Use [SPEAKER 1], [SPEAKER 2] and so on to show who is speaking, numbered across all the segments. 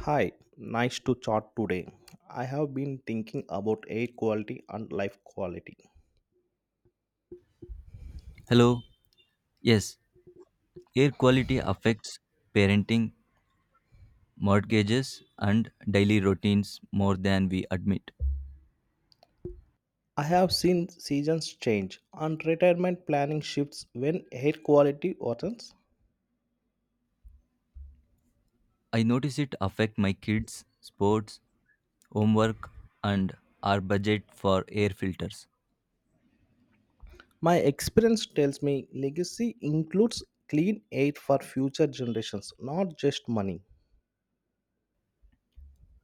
[SPEAKER 1] Hi, nice to chat today. I have been thinking about air quality and life quality.
[SPEAKER 2] Hello. Yes, air quality affects parenting, mortgages, and daily routines more than we admit.
[SPEAKER 1] I have seen seasons change and retirement planning shifts when air quality worsens.
[SPEAKER 2] I notice it affect my kids, sports, homework, and our budget for air filters.
[SPEAKER 1] My experience tells me legacy includes clean air for future generations, not just money.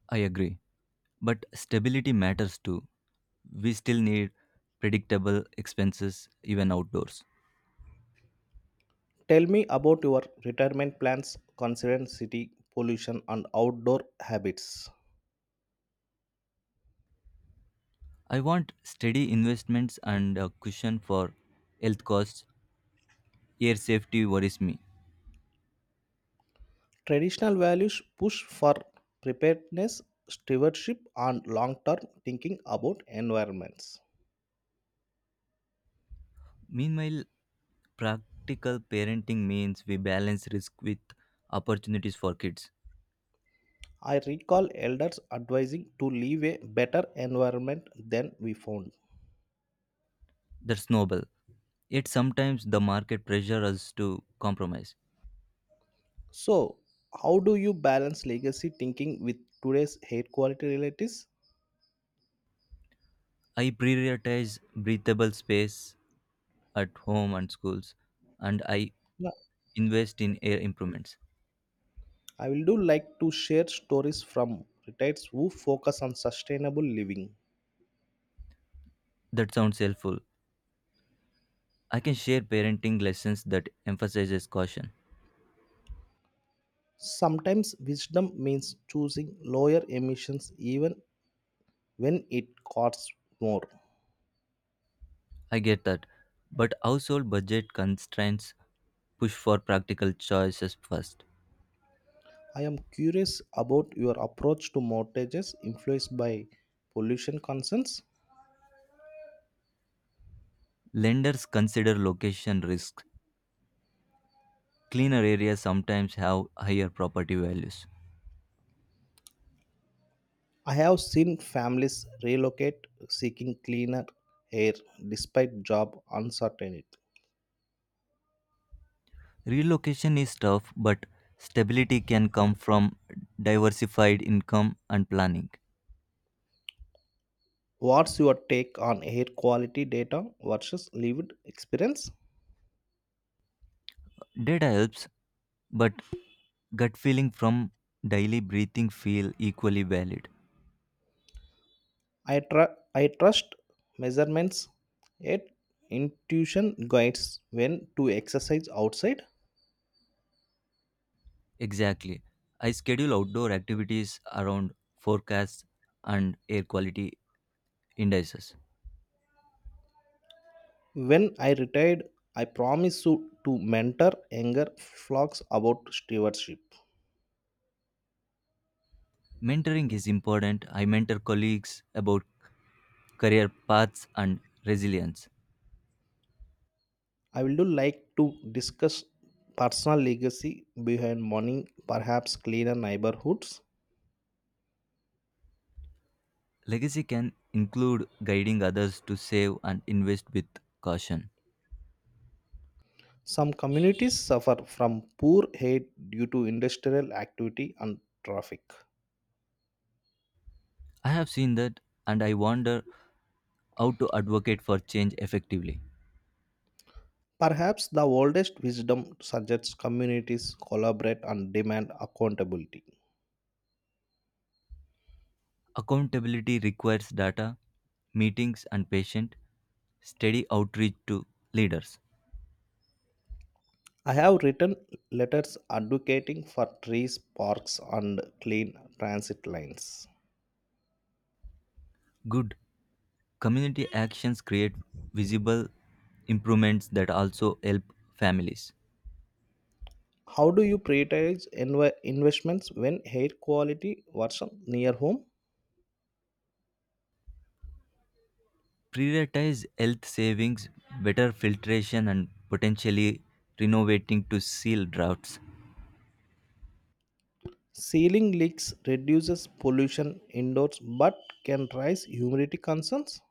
[SPEAKER 2] I agree, but stability matters too. We still need predictable expenses even outdoors.
[SPEAKER 1] Tell me about your retirement plans considering city pollution and outdoor habits.
[SPEAKER 2] I want steady investments and a cushion for health costs. Air safety worries me.
[SPEAKER 1] Traditional values push for preparedness, stewardship, and long term thinking about environments.
[SPEAKER 2] Meanwhile, practical parenting means we balance risk with opportunities for kids.
[SPEAKER 1] I recall elders advising to leave a better environment than we found.
[SPEAKER 2] That's noble. Yet sometimes the market pressure us to compromise.
[SPEAKER 1] So, how do you balance legacy thinking with today's air quality realities?
[SPEAKER 2] I prioritize breathable space at home and schools, and I
[SPEAKER 1] Yeah,
[SPEAKER 2] invest in air improvements.
[SPEAKER 1] I will do like to share stories from retirees who focus on sustainable living.
[SPEAKER 2] That sounds helpful. I can share parenting lessons that emphasizes caution.
[SPEAKER 1] Sometimes wisdom means choosing lower emissions even when it costs more.
[SPEAKER 2] I get that. But household budget constraints push for practical choices first.
[SPEAKER 1] I am curious about your approach to mortgages influenced by pollution concerns.
[SPEAKER 2] Lenders consider location risks. Cleaner areas sometimes have higher property values.
[SPEAKER 1] I have seen families relocate seeking cleaner air despite job uncertainty.
[SPEAKER 2] Relocation is tough, but stability can come from diversified income and planning.
[SPEAKER 1] What's your take on air quality data versus lived experience?
[SPEAKER 2] Data helps, but gut feeling from daily breathing feel equally valid.
[SPEAKER 1] I trust measurements, yet intuition guides when to exercise outside.
[SPEAKER 2] Exactly. I schedule outdoor activities around forecasts and air quality indices.
[SPEAKER 1] When I retired, I promised to mentor younger flocks about stewardship.
[SPEAKER 2] Mentoring is important. I mentor colleagues about career paths and resilience.
[SPEAKER 1] I would like to discuss personal legacy behind money, perhaps cleaner neighborhoods.
[SPEAKER 2] Legacy can include guiding others to save and invest with caution.
[SPEAKER 1] Some communities suffer from poor air due to industrial activity and traffic.
[SPEAKER 2] I have seen that and I wonder how to advocate for change effectively.
[SPEAKER 1] Perhaps the oldest wisdom suggests communities collaborate and demand accountability.
[SPEAKER 2] Accountability requires data, meetings, and patient, steady outreach to leaders.
[SPEAKER 1] I have written letters advocating for trees, parks, and clean transit lines.
[SPEAKER 2] Good. Community actions create visible improvements that also help families.
[SPEAKER 1] How do you prioritize investments when air quality worsens near home?
[SPEAKER 2] Prioritize health savings, better filtration, and potentially renovating to seal droughts.
[SPEAKER 1] Ceiling leaks reduces pollution indoors but can raise humidity concerns.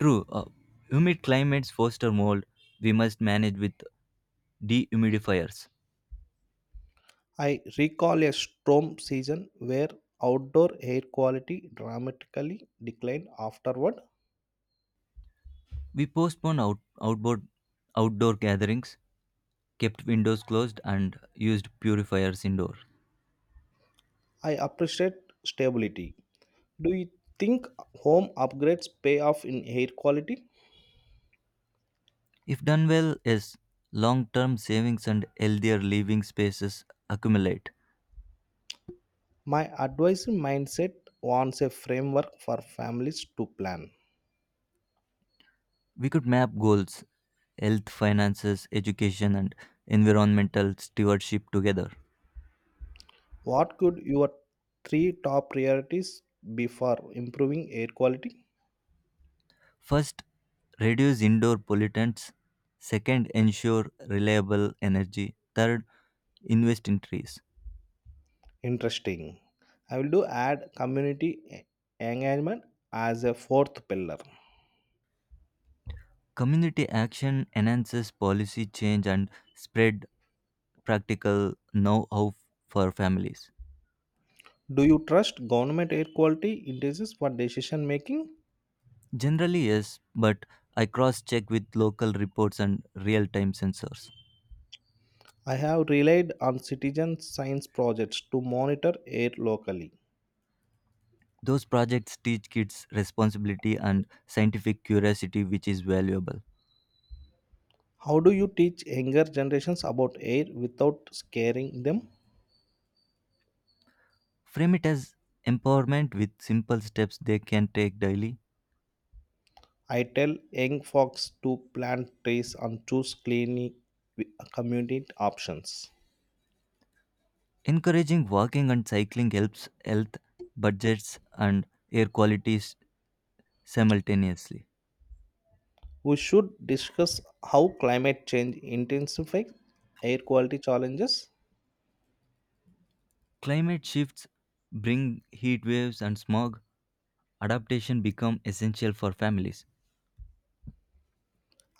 [SPEAKER 2] True, humid climates foster mold we must manage with dehumidifiers.
[SPEAKER 1] I recall a storm season where outdoor air quality dramatically declined afterward.
[SPEAKER 2] We postpone outdoor gatherings, kept windows closed, and used purifiers indoor.
[SPEAKER 1] I appreciate stability. Do you think home upgrades pay off in air quality?
[SPEAKER 2] If done well, yes, long term savings and healthier living spaces accumulate.
[SPEAKER 1] My advisory mindset wants a framework for families to plan.
[SPEAKER 2] We could map goals, health, finances, education, and environmental stewardship together.
[SPEAKER 1] What could your three top priorities be for improving air quality?
[SPEAKER 2] First, reduce indoor pollutants. Second, ensure reliable energy. Third, invest in trees.
[SPEAKER 1] Interesting. I will do add community engagement as a fourth pillar.
[SPEAKER 2] Community action enhances policy change and spread practical know-how for families.
[SPEAKER 1] Do you trust government air quality indices for decision making?
[SPEAKER 2] Generally, yes, but I cross-check with local reports and real-time sensors.
[SPEAKER 1] I have relied on citizen science projects to monitor air locally.
[SPEAKER 2] Those projects teach kids responsibility and scientific curiosity, which is valuable.
[SPEAKER 1] How do you teach younger generations about air without scaring them?
[SPEAKER 2] Frame it as empowerment with simple steps they can take daily.
[SPEAKER 1] I tell young folks to plant trees and choose clean community options.
[SPEAKER 2] Encouraging walking and cycling helps health, budgets, and air qualities simultaneously.
[SPEAKER 1] We should discuss how climate change intensifies air quality challenges.
[SPEAKER 2] Climate shifts bring heat waves and smog. Adaptation become essential for families.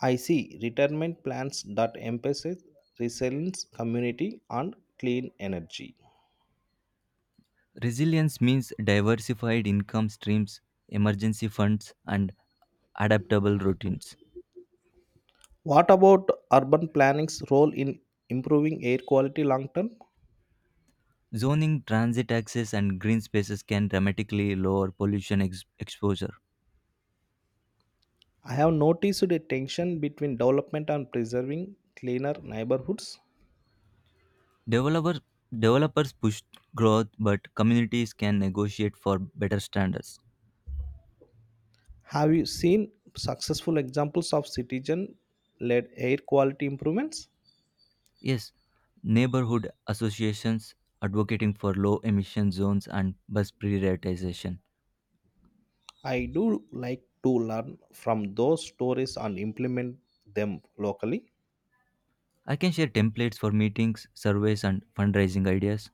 [SPEAKER 1] I see retirement plans that emphasize resilience, community, and clean energy.
[SPEAKER 2] Resilience means diversified income streams, emergency funds, and adaptable routines.
[SPEAKER 1] What about urban planning's role in improving air quality long term?
[SPEAKER 2] Zoning, transit access, and green spaces can dramatically lower pollution exposure.
[SPEAKER 1] I have noticed a tension between development and preserving cleaner neighborhoods.
[SPEAKER 2] Developer, developers push growth, but communities can negotiate for better standards.
[SPEAKER 1] Have you seen successful examples of citizen led air quality improvements?
[SPEAKER 2] Yes, neighborhood associations advocating for low emission zones and bus prioritization.
[SPEAKER 1] I do like to learn from those stories and implement them locally.
[SPEAKER 2] I can share templates for meetings, surveys, and fundraising ideas.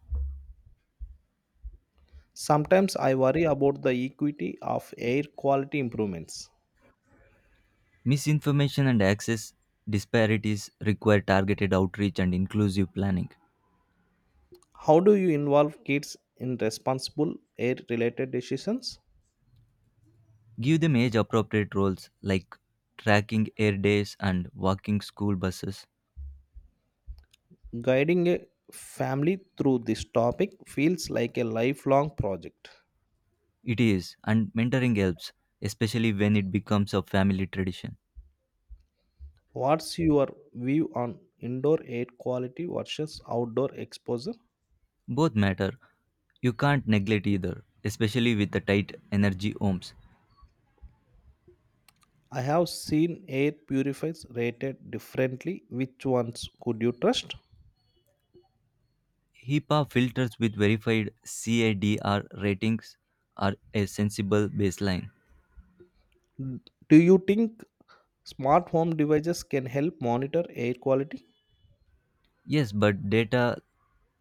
[SPEAKER 1] Sometimes I worry about the equity of air quality improvements.
[SPEAKER 2] Misinformation and access disparities require targeted outreach and inclusive planning.
[SPEAKER 1] How do you involve kids in responsible air related decisions?
[SPEAKER 2] Give them age appropriate roles like tracking air days and walking school buses.
[SPEAKER 1] Guiding a family through this topic feels like a lifelong project.
[SPEAKER 2] It is, and mentoring helps, especially when it becomes a family tradition.
[SPEAKER 1] What's your view on indoor air quality versus outdoor exposure?
[SPEAKER 2] Both matter. You can't neglect either, especially with the tight energy homes.
[SPEAKER 1] I have seen air purifiers rated differently. Which ones could you trust?
[SPEAKER 2] HIPAA filters with verified CADR ratings are a sensible baseline.
[SPEAKER 1] Do you think smart home devices can help monitor air quality?
[SPEAKER 2] Yes, but data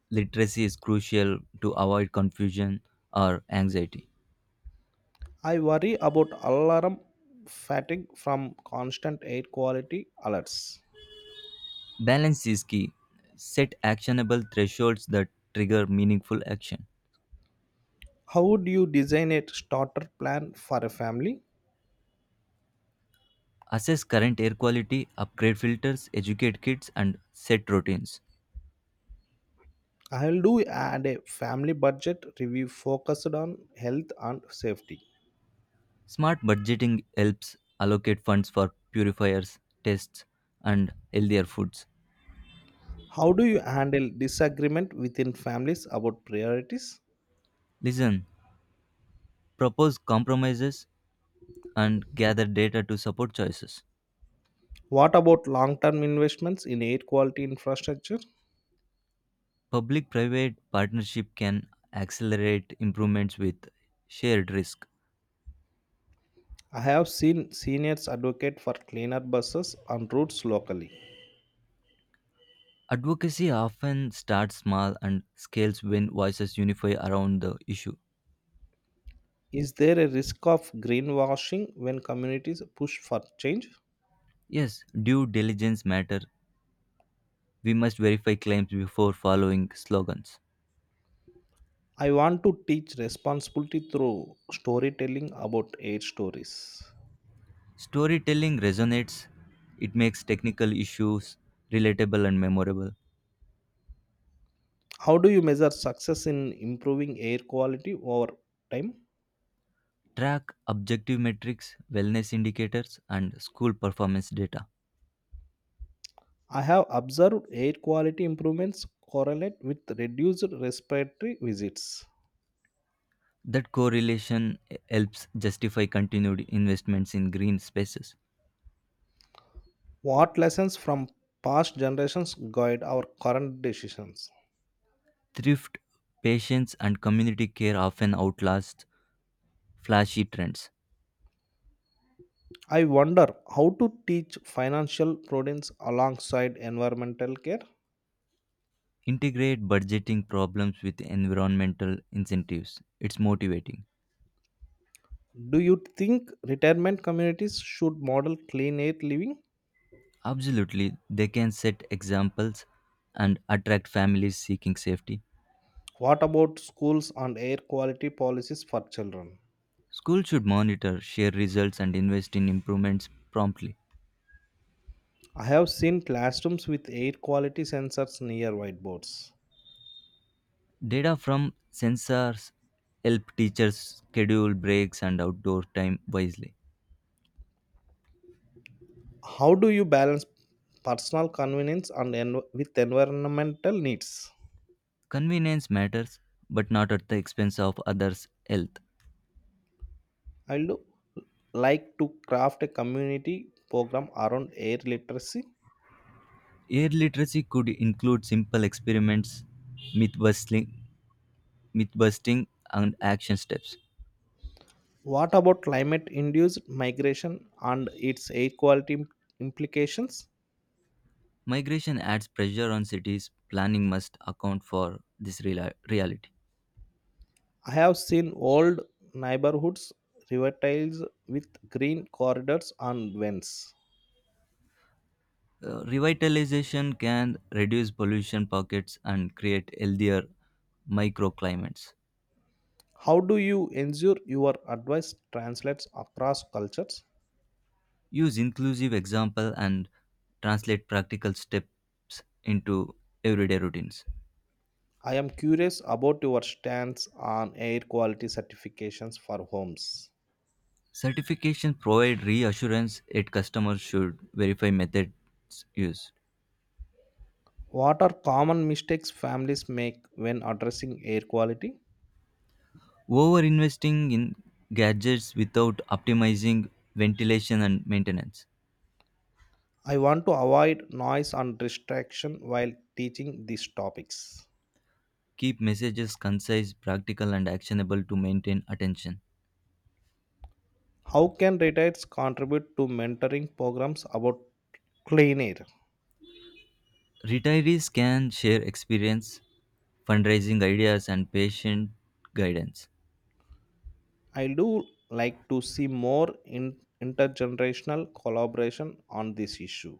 [SPEAKER 2] literacy is crucial to avoid confusion or anxiety.
[SPEAKER 1] I worry about alarm fatigue from constant air quality alerts.
[SPEAKER 2] Balance is key. Set actionable thresholds that trigger meaningful action.
[SPEAKER 1] How would you design a starter plan for a family?
[SPEAKER 2] Assess current air quality, upgrade filters, educate kids, and set routines.
[SPEAKER 1] I'll do add a family budget review focused on health and safety.
[SPEAKER 2] Smart budgeting helps allocate funds for purifiers, tests, and healthier foods.
[SPEAKER 1] How do you handle disagreement within families about priorities?
[SPEAKER 2] Listen, propose compromises, and gather data to support choices.
[SPEAKER 1] What about long term investments in air quality infrastructure?
[SPEAKER 2] Public private partnership can accelerate improvements with shared risk.
[SPEAKER 1] I have seen seniors advocate for cleaner buses and routes locally.
[SPEAKER 2] Advocacy often starts small and scales when voices unify around the issue.
[SPEAKER 1] Is there a risk of greenwashing when communities push for change?
[SPEAKER 2] Yes, due diligence matter. We must verify claims before following slogans.
[SPEAKER 1] I want to teach responsibility through storytelling about air stories.
[SPEAKER 2] Storytelling resonates, it makes technical issues relatable and memorable.
[SPEAKER 1] How do you measure success in improving air quality over time?
[SPEAKER 2] Track objective metrics, wellness indicators, and school performance data.
[SPEAKER 1] I have observed air quality improvements correlate with reduced respiratory visits.
[SPEAKER 2] That correlation helps justify continued investments in green spaces.
[SPEAKER 1] What lessons from past generations guide our current decisions?
[SPEAKER 2] Thrift, patience, and community care often outlast flashy trends.
[SPEAKER 1] I wonder how to teach financial prudence alongside environmental care.
[SPEAKER 2] Integrate budgeting problems with environmental incentives. It's motivating.
[SPEAKER 1] Do you think retirement communities should model clean air living?
[SPEAKER 2] Absolutely, they can set examples and attract families seeking safety.
[SPEAKER 1] What about schools and air quality policies for children?
[SPEAKER 2] Schools should monitor, share results, and invest in improvements promptly.
[SPEAKER 1] I have seen classrooms with air quality sensors near whiteboards.
[SPEAKER 2] Data from sensors help teachers schedule breaks and outdoor time wisely.
[SPEAKER 1] How do you balance personal convenience and with environmental needs?
[SPEAKER 2] Convenience matters, but not at the expense of others' health.
[SPEAKER 1] I would like to craft a community program around air literacy.
[SPEAKER 2] Air literacy could include simple experiments, myth busting, myth busting, and action steps.
[SPEAKER 1] What about climate induced migration and its air quality implications?
[SPEAKER 2] Migration adds pressure on cities. Planning must account for this reality.
[SPEAKER 1] I have seen old neighborhoods revitalized with green corridors and vents.
[SPEAKER 2] Revitalization can reduce pollution pockets and create healthier microclimates.
[SPEAKER 1] How do you ensure your advice translates across cultures?
[SPEAKER 2] Use inclusive example and translate practical steps into everyday routines.
[SPEAKER 1] I am curious about your stance on air quality certifications for homes.
[SPEAKER 2] Certification provide reassurance that customers should verify methods used.
[SPEAKER 1] What are common mistakes families make when addressing air quality?
[SPEAKER 2] Over investing in gadgets without optimizing ventilation and maintenance.
[SPEAKER 1] I want to avoid noise and distraction while teaching these topics.
[SPEAKER 2] Keep messages concise, practical, and actionable to maintain attention.
[SPEAKER 1] How can retirees contribute to mentoring programs about clean air?
[SPEAKER 2] Retirees can share experience, fundraising ideas, and patient guidance.
[SPEAKER 1] I do like to see more intergenerational collaboration on this issue.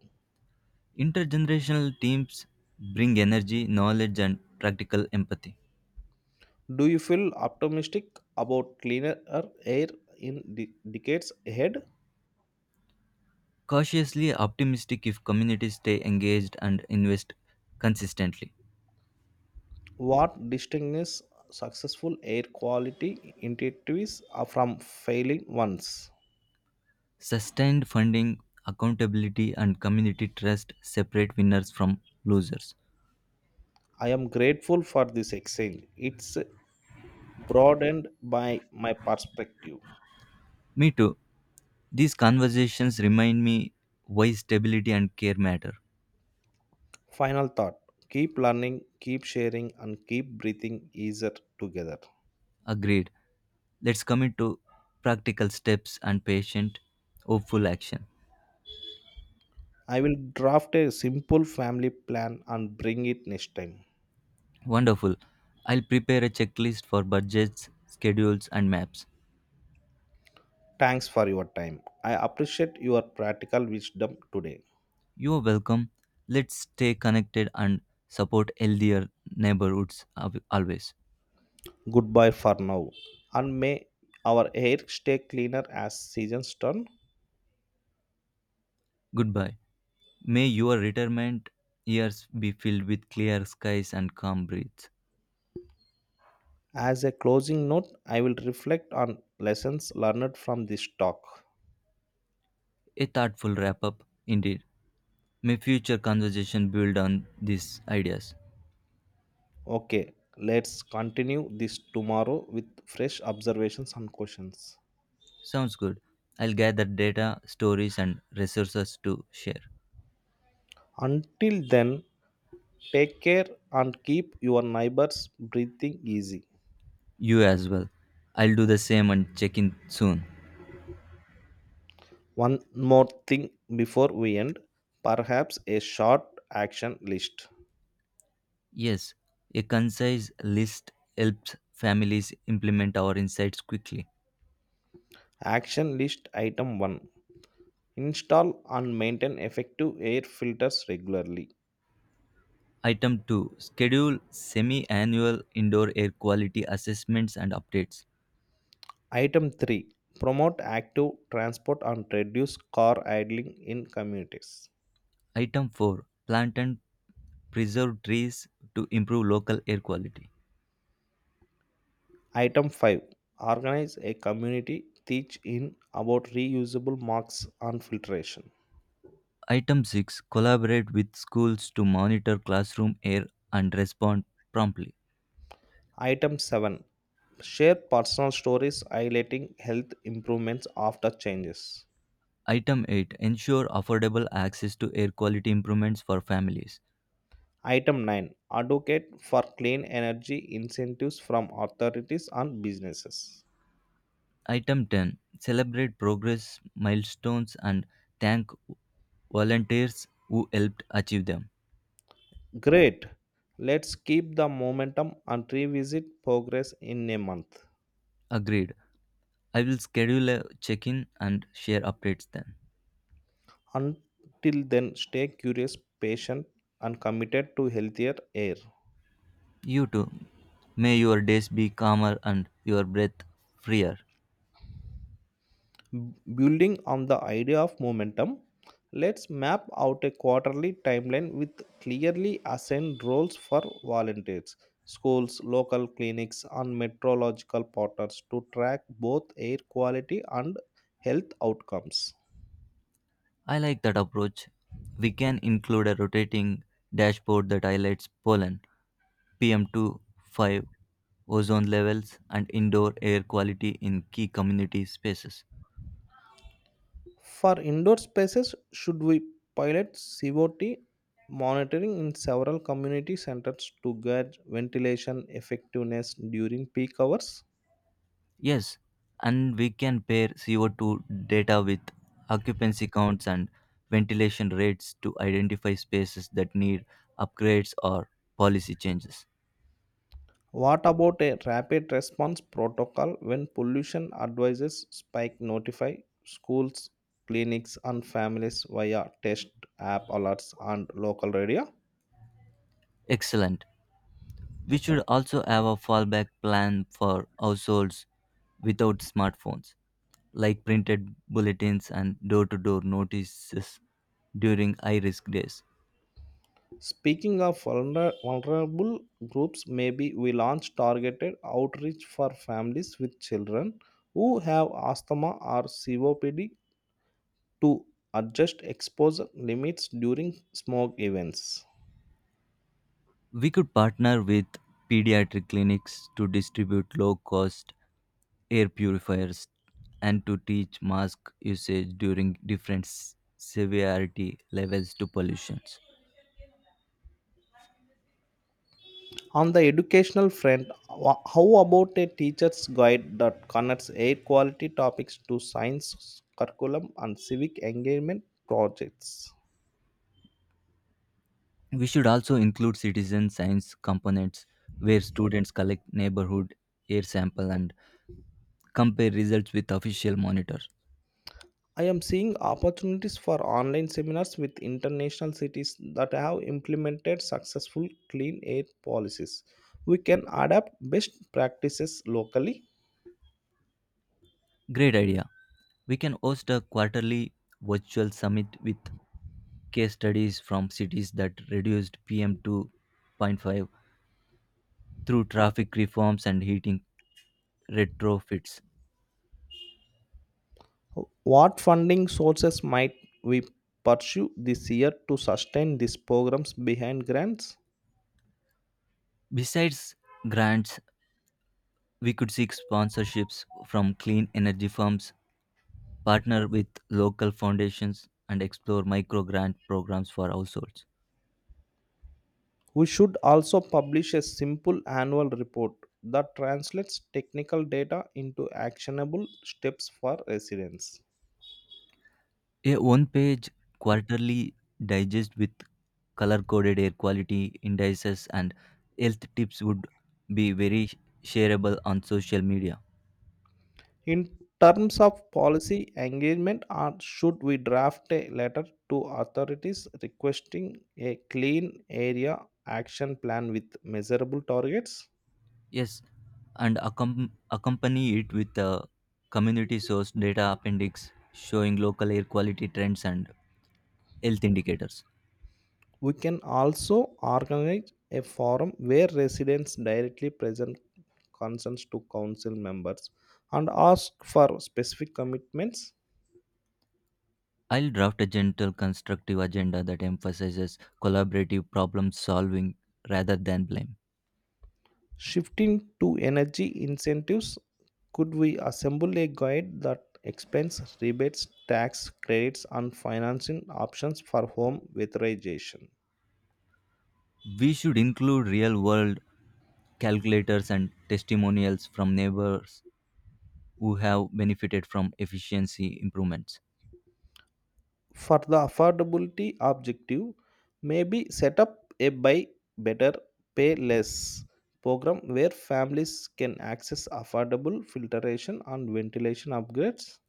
[SPEAKER 2] Intergenerational teams bring energy, knowledge, and practical empathy.
[SPEAKER 1] Do you feel optimistic about cleaner air in decades ahead?
[SPEAKER 2] Cautiously optimistic if communities stay engaged and invest consistently.
[SPEAKER 1] What distinguishes successful air quality initiatives are from failing ones?
[SPEAKER 2] Sustained funding, accountability, and community trust separate winners from losers.
[SPEAKER 1] I am grateful for this exchange. It's broadened by my perspective.
[SPEAKER 2] Me too. These conversations remind me why stability and care matter.
[SPEAKER 1] Final thought: keep learning, keep sharing, and keep breathing easier together.
[SPEAKER 2] Agreed. Let's commit to practical steps and patient, hopeful action.
[SPEAKER 1] I will draft a simple family plan and bring it next time.
[SPEAKER 2] Wonderful. I'll prepare a checklist for budgets, schedules, and maps.
[SPEAKER 1] Thanks for your time. I appreciate your practical wisdom today.
[SPEAKER 2] You are welcome. Let's stay connected and support healthier neighborhoods always.
[SPEAKER 1] Goodbye for now. And may our hair stay cleaner as seasons turn.
[SPEAKER 2] Goodbye. May your retirement years be filled with clear skies and calm breeze.
[SPEAKER 1] As a closing note, I will reflect on lessons learned from this talk.
[SPEAKER 2] A thoughtful wrap up, indeed. May future conversation build on these ideas.
[SPEAKER 1] Okay, let's continue this tomorrow with fresh observations and questions.
[SPEAKER 2] Sounds good. I'll gather data, stories, and resources to share.
[SPEAKER 1] Until then, take care and keep your neighbors breathing easy.
[SPEAKER 2] You as well. I'll do the same and check in soon.
[SPEAKER 1] One more thing before we end, perhaps a short action list.
[SPEAKER 2] Yes, a concise list helps families implement our insights quickly.
[SPEAKER 1] Action list item 1: Install and maintain effective air filters regularly.
[SPEAKER 2] Item 2. Schedule semi annual indoor air quality assessments and updates.
[SPEAKER 1] Item 3: Promote active transport and reduce car idling in communities.
[SPEAKER 2] Item 4. Plant and preserve trees to improve local air quality.
[SPEAKER 1] Item 5: Organize a community teach in about reusable marks and filtration.
[SPEAKER 2] Item 6. Collaborate with schools to monitor classroom air and respond promptly.
[SPEAKER 1] Item 7: Share personal stories highlighting health improvements after changes.
[SPEAKER 2] Item 8. Ensure affordable access to air quality improvements for families.
[SPEAKER 1] Item 9: Advocate for clean energy incentives from authorities and businesses.
[SPEAKER 2] Item 10. Celebrate progress milestones and thank volunteers who helped achieve them.
[SPEAKER 1] Great! Let's keep the momentum and revisit progress in a month.
[SPEAKER 2] Agreed. I will schedule a check in and share updates then.
[SPEAKER 1] Until then, stay curious, patient, and committed to healthier air.
[SPEAKER 2] You too. May your days be calmer and your breath freer.
[SPEAKER 1] Building on the idea of momentum, let's map out a quarterly timeline with clearly assigned roles for volunteers, schools, local clinics and meteorological partners to track both air quality and health outcomes.
[SPEAKER 2] I like that approach. We can include a rotating dashboard that highlights pollen, PM2.5, ozone levels, and indoor air quality in key community spaces.
[SPEAKER 1] For indoor spaces, should we pilot cot monitoring in several community centers to gauge ventilation effectiveness during peak hours?
[SPEAKER 2] Yes, and we can pair CO2 data with occupancy counts and ventilation rates to identify spaces that need upgrades or policy changes.
[SPEAKER 1] What about a rapid response protocol when pollution advises spike, notify schools, clinics, and families via test app alerts and local radio?
[SPEAKER 2] Excellent. We should also have a fallback plan for households without smartphones, like printed bulletins and door to door notices during high risk days.
[SPEAKER 1] Speaking of vulnerable groups, maybe we launch targeted outreach for families with children who have asthma or COPD to adjust exposure limits during smoke events.
[SPEAKER 2] We could partner with pediatric clinics to distribute low cost air purifiers and to teach mask usage during different severity levels to pollutions.
[SPEAKER 1] On the educational front, how about a teacher's guide that connects air quality topics to science curriculum and civic engagement projects?
[SPEAKER 2] We should also include citizen science components where students collect neighborhood air sample and compare results with official monitors.
[SPEAKER 1] I am seeing opportunities for online seminars with international cities that have implemented successful clean air policies. We can adapt best practices locally.
[SPEAKER 2] Great idea. We can host a quarterly virtual summit with case studies from cities that reduced PM2.5 through traffic reforms and heating retrofits.
[SPEAKER 1] What funding sources might we pursue this year to sustain these programs behind grants?
[SPEAKER 2] Besides grants, we could seek sponsorships from clean energy firms, partner with local foundations, and explore micro grant programs for households.
[SPEAKER 1] We should also publish a simple annual report that translates technical data into actionable steps for residents.
[SPEAKER 2] A one-page quarterly digest with color-coded air quality indices and health tips would be very shareable on social media.
[SPEAKER 1] In terms of policy engagement, or should we draft a letter to authorities requesting a clean area action plan with measurable targets?
[SPEAKER 2] Yes, and accompany it with a community-sourced data appendix showing local air quality trends and health indicators.
[SPEAKER 1] We can also organize a forum where residents directly present concerns to council members and ask for specific commitments.
[SPEAKER 2] I'll draft a gentle, constructive agenda that emphasizes collaborative problem solving rather than blame.
[SPEAKER 1] Shifting to energy incentives, could we assemble a guide that explains rebates, tax credits, and financing options for home weatherization?
[SPEAKER 2] We should include real world calculators and testimonials from neighbors who have benefited from efficiency improvements.
[SPEAKER 1] For the affordability objective, maybe set up a buy better, pay less program where families can access affordable filtration and ventilation upgrades.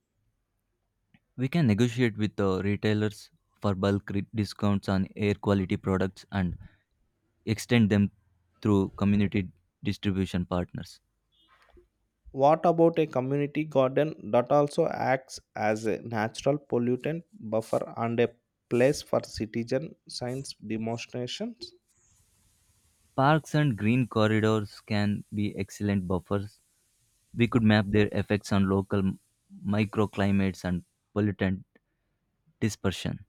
[SPEAKER 2] We can negotiate with the retailers for bulk discounts on air quality products and extend them through community distribution partners.
[SPEAKER 1] What about a community garden that also acts as a natural pollutant buffer and a place for citizen science demonstrations?
[SPEAKER 2] Parks and green corridors can be excellent buffers. We could map their effects on local microclimates and pollutant dispersion.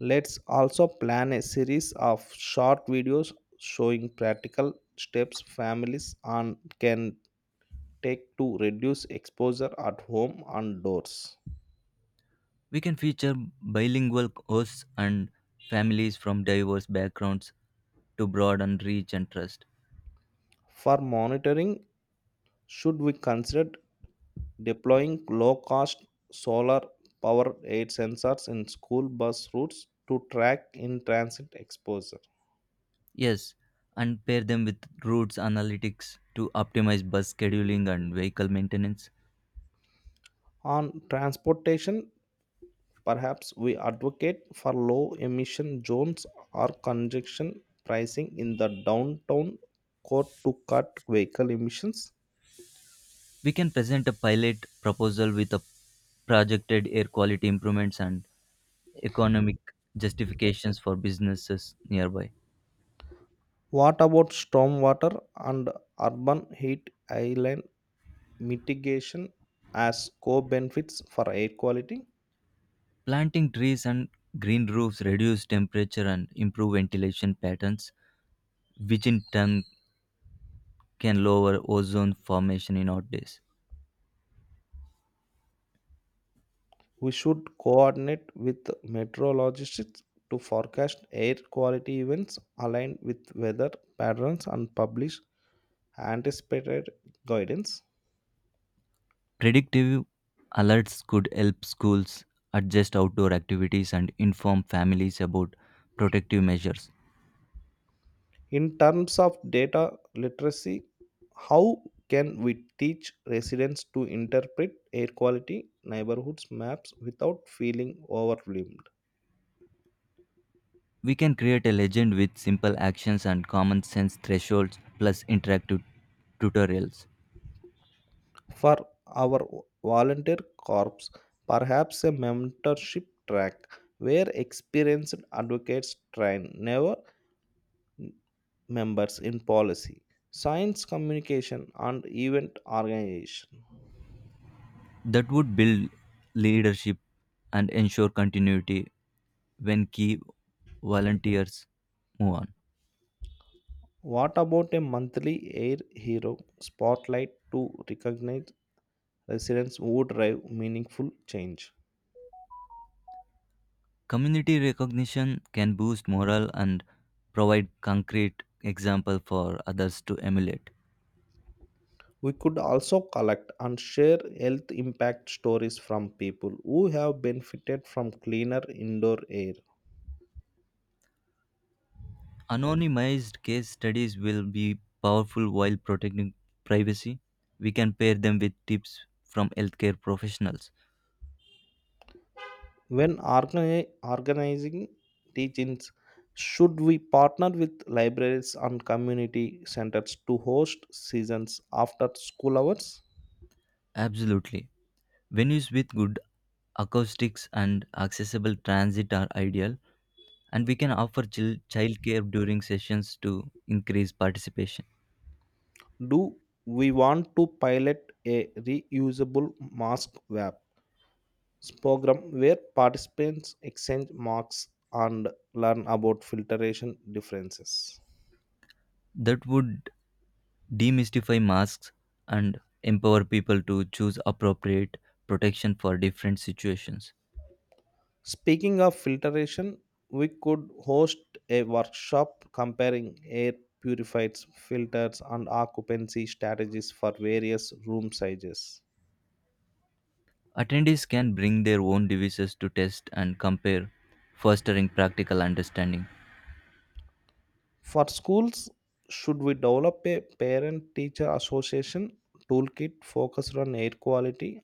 [SPEAKER 1] Let's also plan a series of short videos showing practical steps families and can take to reduce exposure at home and doors.
[SPEAKER 2] We can feature bilingual hosts and families from diverse backgrounds to broaden reach and trust.
[SPEAKER 1] For monitoring, should we consider deploying low cost solar powered aid sensors in school bus routes to track in transit exposure?
[SPEAKER 2] Yes, and pair them with routes analytics to optimize bus scheduling and vehicle maintenance.
[SPEAKER 1] On transportation, perhaps we advocate for low emission zones or congestion pricing in the downtown core to cut vehicle emissions.
[SPEAKER 2] We can present a pilot proposal with a projected air quality improvements and economic justifications for businesses nearby.
[SPEAKER 1] What about stormwater and urban heat island mitigation as co benefits for air quality?
[SPEAKER 2] Planting trees and green roofs reduce temperature and improve ventilation patterns, which in turn can lower ozone formation in hot days.
[SPEAKER 1] We should coordinate with meteorologists to forecast air quality events aligned with weather patterns and publish anticipated guidance.
[SPEAKER 2] Predictive alerts could help schools adjust outdoor activities and inform families about protective measures.
[SPEAKER 1] In terms of data literacy, how can we teach residents to interpret air quality neighborhoods maps without feeling overwhelmed?
[SPEAKER 2] We can create a legend with simple actions and common sense thresholds plus interactive tutorials.
[SPEAKER 1] For our volunteer corps, perhaps a mentorship track where experienced advocates train never members in policy, science communication, and event organization.
[SPEAKER 2] That would build leadership and ensure continuity when key volunteers move on.
[SPEAKER 1] What about a monthly Air Hero spotlight to recognize residents who drive meaningful change?
[SPEAKER 2] Community recognition can boost morale and provide concrete example for others to emulate.
[SPEAKER 1] We could also collect and share health impact stories from people who have benefited from cleaner indoor air.
[SPEAKER 2] Anonymized case studies will be powerful while protecting privacy. We can pair them with tips from healthcare professionals.
[SPEAKER 1] When organizing teachings, should we partner with libraries and community centers to host seasons after school hours?
[SPEAKER 2] Absolutely. Venues with good acoustics and accessible transit are ideal, and we can offer childcare during sessions to increase participation.
[SPEAKER 1] Do we want to pilot a reusable mask web program where participants exchange marks and learn about filtration differences?
[SPEAKER 2] That would demystify masks and empower people to choose appropriate protection for different situations.
[SPEAKER 1] Speaking of filtration, we could host a workshop comparing air purifiers, filters, and occupancy strategies for various room sizes.
[SPEAKER 2] Attendees can bring their own devices to test and compare, fostering practical understanding.
[SPEAKER 1] For schools, should we develop a parent teacher association toolkit focused on air quality,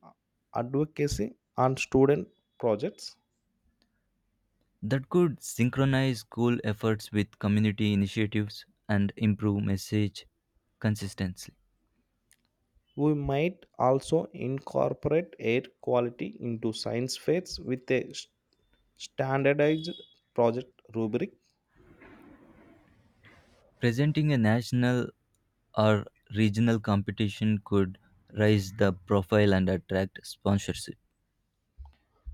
[SPEAKER 1] advocacy, and student projects?
[SPEAKER 2] That could synchronize school efforts with community initiatives and improve message consistency.
[SPEAKER 1] We might also incorporate air quality into science fairs with a standardized project rubric.
[SPEAKER 2] Presenting a national or regional competition could raise the profile and attract sponsorship.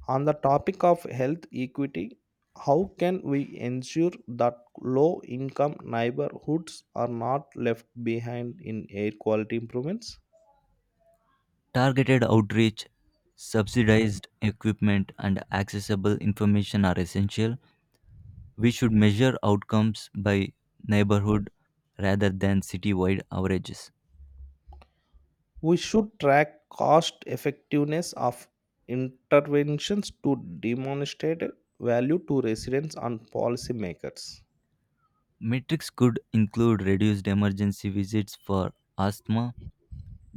[SPEAKER 1] On the topic of health equity, how can we ensure that low income neighborhoods are not left behind in air quality improvements?
[SPEAKER 2] Targeted outreach, subsidized equipment, and accessible information are essential. We should measure outcomes by neighborhood rather than city-wide averages.
[SPEAKER 1] We should track cost effectiveness of interventions to demonstrate value to residents and policymakers.
[SPEAKER 2] Metrics could include reduced emergency visits for asthma,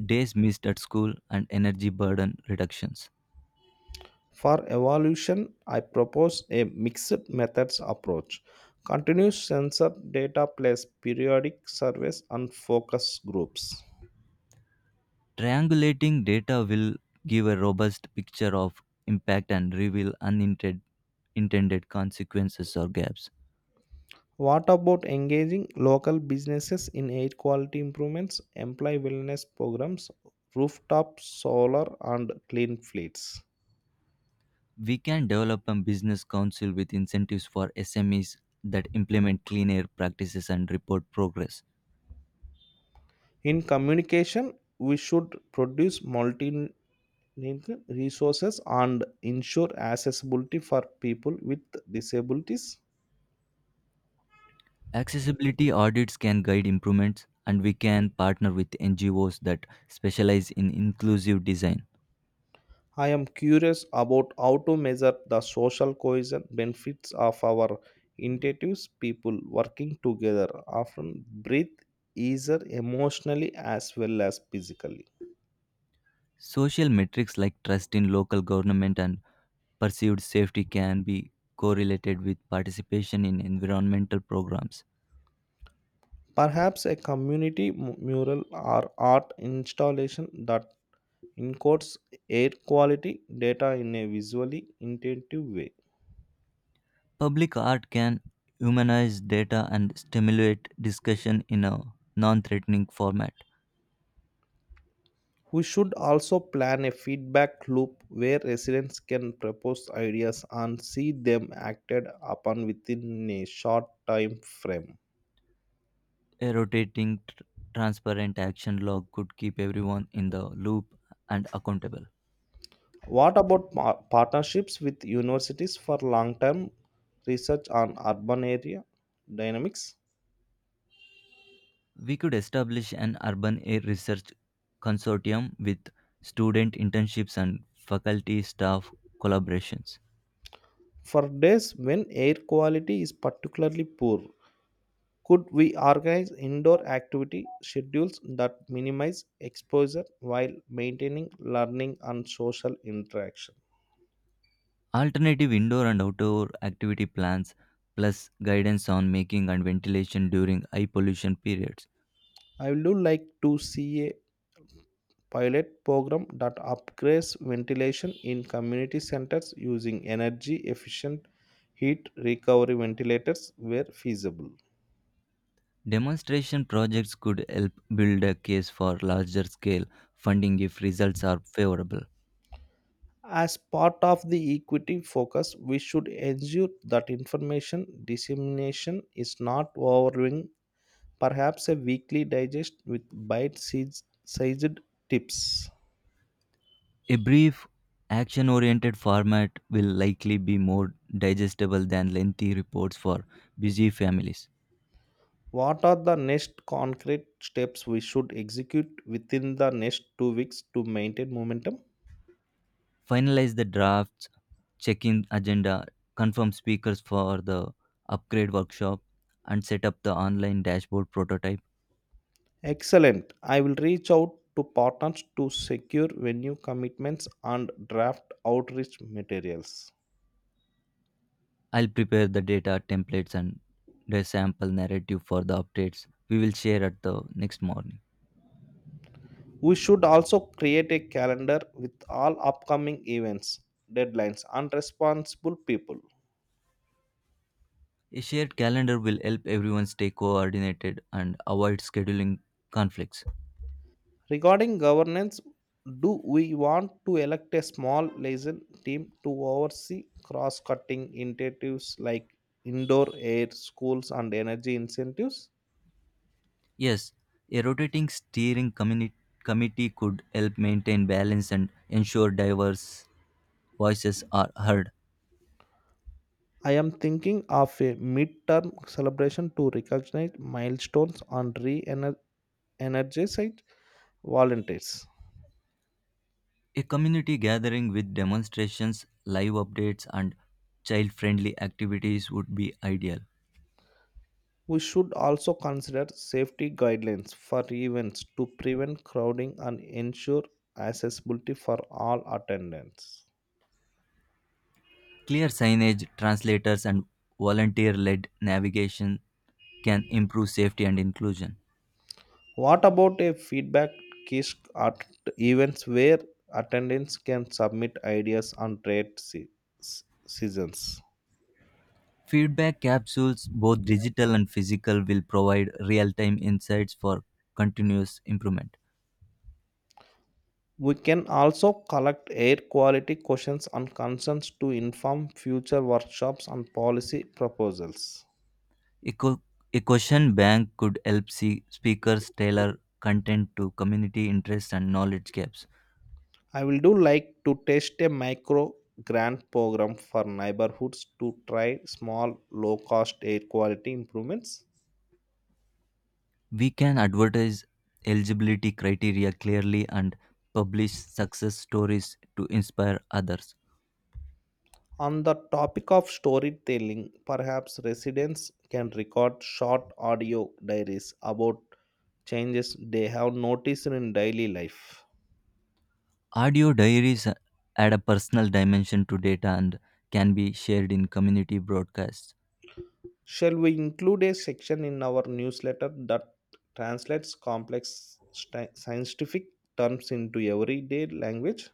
[SPEAKER 2] days missed at school, and energy burden reductions.
[SPEAKER 1] For evaluation, I propose a mixed methods approach. Continuous sensor data plus periodic surveys and focus groups.
[SPEAKER 2] Triangulating data will give a robust picture of impact and reveal unintended intended consequences or gaps.
[SPEAKER 1] What about engaging local businesses in air quality improvements, employee wellness programs, rooftop solar, and clean fleets?
[SPEAKER 2] We can develop a business council with incentives for SMEs that implement clean air practices and report progress.
[SPEAKER 1] In communication, we should produce multi resources and ensure accessibility for people with disabilities.
[SPEAKER 2] Accessibility audits can guide improvements, and we can partner with NGOs that specialize in inclusive design.
[SPEAKER 1] I am curious about how to measure the social cohesion benefits of our intuitives. People working together often breathe easier emotionally as well as physically.
[SPEAKER 2] Social metrics like trust in local government and perceived safety can be correlated with participation in environmental programs.
[SPEAKER 1] Perhaps a community mural or art installation that encodes air quality data in a visually intuitive way.
[SPEAKER 2] Public art can humanize data and stimulate discussion in a non threatening format.
[SPEAKER 1] We should also plan a feedback loop where residents can propose ideas and see them acted upon within a short time frame.
[SPEAKER 2] A rotating transparent action log could keep everyone in the loop and accountable.
[SPEAKER 1] What about partnerships with universities for long term research on urban area dynamics?
[SPEAKER 2] We could establish an urban air research consortium with student internships and faculty staff collaborations.
[SPEAKER 1] For days when air quality is particularly poor, could we organize indoor activity schedules that minimize exposure while maintaining learning and social interaction?
[SPEAKER 2] Alternative indoor and outdoor activity plans, plus guidance on making and ventilation during high pollution periods.
[SPEAKER 1] I would like to see a pilot program that upgrades ventilation in community centers using energy efficient heat recovery ventilators where feasible.
[SPEAKER 2] Demonstration projects could help build a case for larger scale funding if results are favorable.
[SPEAKER 1] As part of the equity focus, we should ensure that information dissemination is not overwhelming, perhaps a weekly digest with bite sized tips.
[SPEAKER 2] A brief, action oriented format will likely be more digestible than lengthy reports for busy families.
[SPEAKER 1] What are the next concrete steps we should execute within the next 2 weeks to maintain momentum?
[SPEAKER 2] Finalize the drafts, check in agenda, confirm speakers for the upgrade workshop, and set up the online dashboard prototype.
[SPEAKER 1] Excellent. I will reach out to partners to secure venue commitments and draft outreach materials.
[SPEAKER 2] I'll prepare the data templates and the sample narrative for the updates we will share at the next morning.
[SPEAKER 1] We should also create a calendar with all upcoming events, deadlines, and responsible people.
[SPEAKER 2] A shared calendar will help everyone stay coordinated and avoid scheduling conflicts.
[SPEAKER 1] Regarding governance, do we want to elect a small liaison team to oversee cross cutting initiatives like indoor air, schools, and energy incentives?
[SPEAKER 2] Yes, a rotating steering committee could help maintain balance and ensure diverse voices are heard.
[SPEAKER 1] I am thinking of a mid-term celebration to recognize milestones and re energize volunteers.
[SPEAKER 2] A community gathering with demonstrations, live updates, and child friendly activities would be ideal.
[SPEAKER 1] We should also consider safety guidelines for events to prevent crowding and ensure accessibility for all attendants.
[SPEAKER 2] Clear signage, translators, and volunteer led navigation can improve safety and inclusion.
[SPEAKER 1] What about a feedback kisk at events where attendants can submit ideas on seasons?
[SPEAKER 2] Feedback capsules, both digital and physical, will provide real time insights for continuous improvement.
[SPEAKER 1] We can also collect air quality questions and concerns to inform future workshops and policy proposals.
[SPEAKER 2] A, co- a question bank could help see speakers tailor content to community interests and knowledge gaps.
[SPEAKER 1] I will do like to test a micro grant program for neighborhoods to try small low cost air quality improvements.
[SPEAKER 2] We can advertise eligibility criteria clearly and publish success stories to inspire others.
[SPEAKER 1] On the topic of storytelling, perhaps residents can record short audio diaries about changes they have noticed in daily life.
[SPEAKER 2] Audio diaries add a personal dimension to data and can be shared in community broadcasts.
[SPEAKER 1] Shall we include a section in our newsletter that translates complex scientific terms into everyday language?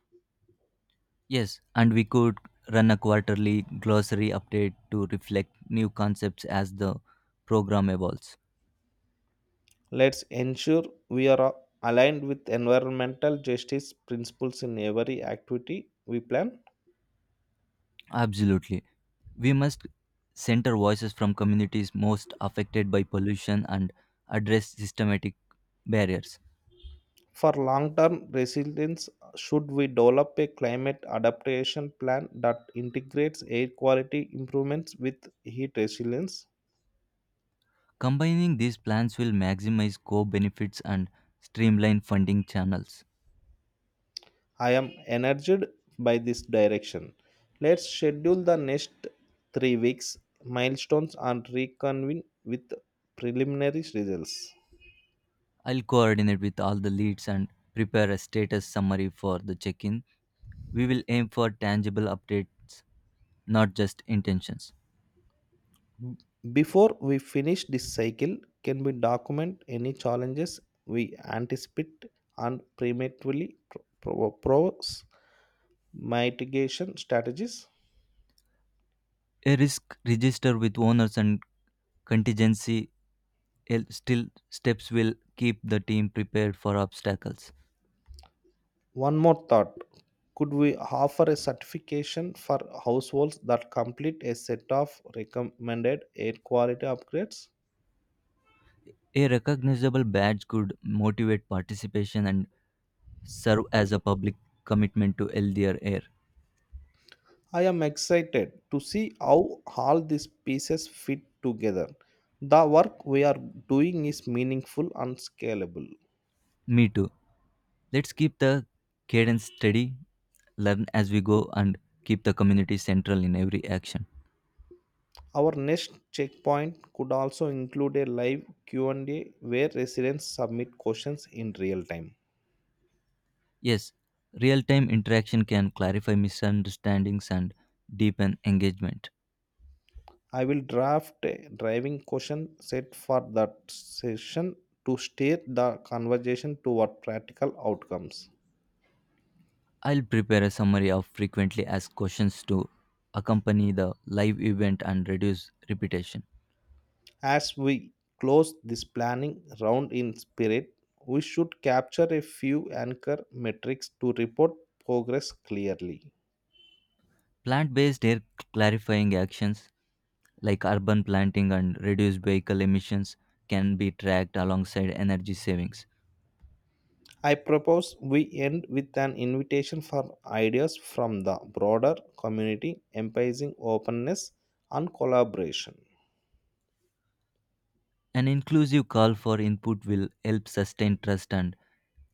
[SPEAKER 2] Yes, and we could run a quarterly glossary update to reflect new concepts as the program evolves.
[SPEAKER 1] Let's ensure we are aligned with environmental justice principles in every activity we plan.
[SPEAKER 2] Absolutely. We must center voices from communities most affected by pollution and address systematic barriers.
[SPEAKER 1] For long term resilience, should we develop a climate adaptation plan that integrates air quality improvements with heat resilience?
[SPEAKER 2] Combining these plans will maximize co benefits and streamline funding channels.
[SPEAKER 1] I am energized by this direction. Let's schedule the next 3 weeks milestones and reconvene with preliminary results.
[SPEAKER 2] I'll coordinate with all the leads and prepare a status summary for the check in. We will aim for tangible updates, not just intentions.
[SPEAKER 1] B- Before we finish this cycle, can we document any challenges we anticipate and prematurely propose mitigation strategies.
[SPEAKER 2] A risk register with owners and contingency still steps will keep the team prepared for obstacles.
[SPEAKER 1] One more thought, could we offer a certification for households that complete a set of recommended air quality upgrades?
[SPEAKER 2] A recognizable badge could motivate participation and serve as a public commitment to healthier air.
[SPEAKER 1] I am excited to see how all these pieces fit together. The work we are doing is meaningful and scalable.
[SPEAKER 2] Me too. Let's keep the cadence steady, learn as we go, and keep the community central in every action.
[SPEAKER 1] Our next checkpoint could also include a live Q&A where residents submit questions in real time.
[SPEAKER 2] Yes, real time interaction can clarify misunderstandings and deepen engagement.
[SPEAKER 1] I will draft a driving question set for that session to steer the conversation toward practical outcomes.
[SPEAKER 2] I'll prepare a summary of frequently asked questions to accompany the live event and reduce repetition.
[SPEAKER 1] As we close this planning round in spirit, we should capture a few anchor metrics to report progress clearly.
[SPEAKER 2] Plant based air clarifying actions like urban planting and reduced vehicle emissions can be tracked alongside energy savings.
[SPEAKER 1] I propose we end with an invitation for ideas from the broader community emphasizing openness and collaboration.
[SPEAKER 2] An inclusive call for input will help sustain trust and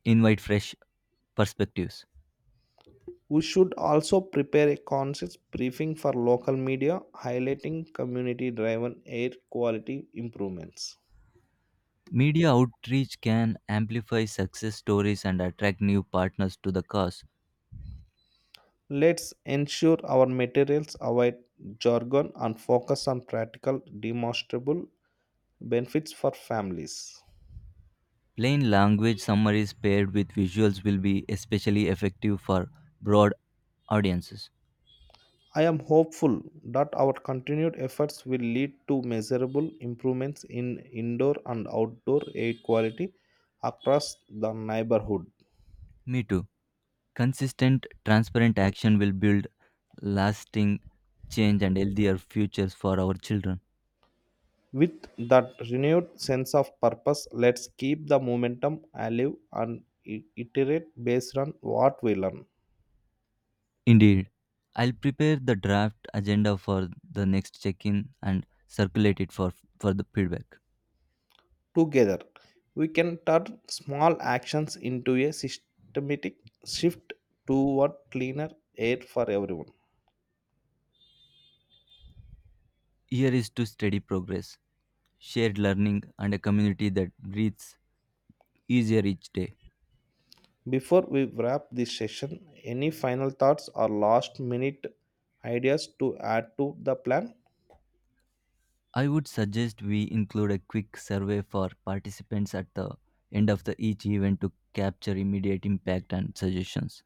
[SPEAKER 2] invite fresh perspectives.
[SPEAKER 1] We should also prepare a conscious briefing for local media highlighting community driven air quality improvements.
[SPEAKER 2] Media outreach can amplify success stories and attract new partners to the cause.
[SPEAKER 1] Let's ensure our materials avoid jargon and focus on practical, demonstrable benefits for families.
[SPEAKER 2] Plain language summaries paired with visuals will be especially effective for broad audiences.
[SPEAKER 1] I am hopeful that our continued efforts will lead to measurable improvements in indoor and outdoor air quality across the neighborhood.
[SPEAKER 2] Me too. Consistent, transparent action will build lasting change and healthier futures for our children.
[SPEAKER 1] With that renewed sense of purpose, let's keep the momentum alive and iterate based on what we learn.
[SPEAKER 2] Indeed, I'll prepare the draft agenda for the next check in and circulate it for the feedback.
[SPEAKER 1] Together, we can turn small actions into a systematic shift toward cleaner air for everyone.
[SPEAKER 2] Here is to steady progress, shared learning, and a community that breathes easier each day.
[SPEAKER 1] Before we wrap this session, any final thoughts or last minute ideas to add to the plan?
[SPEAKER 2] I would suggest we include a quick survey for participants at the end of the each event to capture immediate impact and suggestions.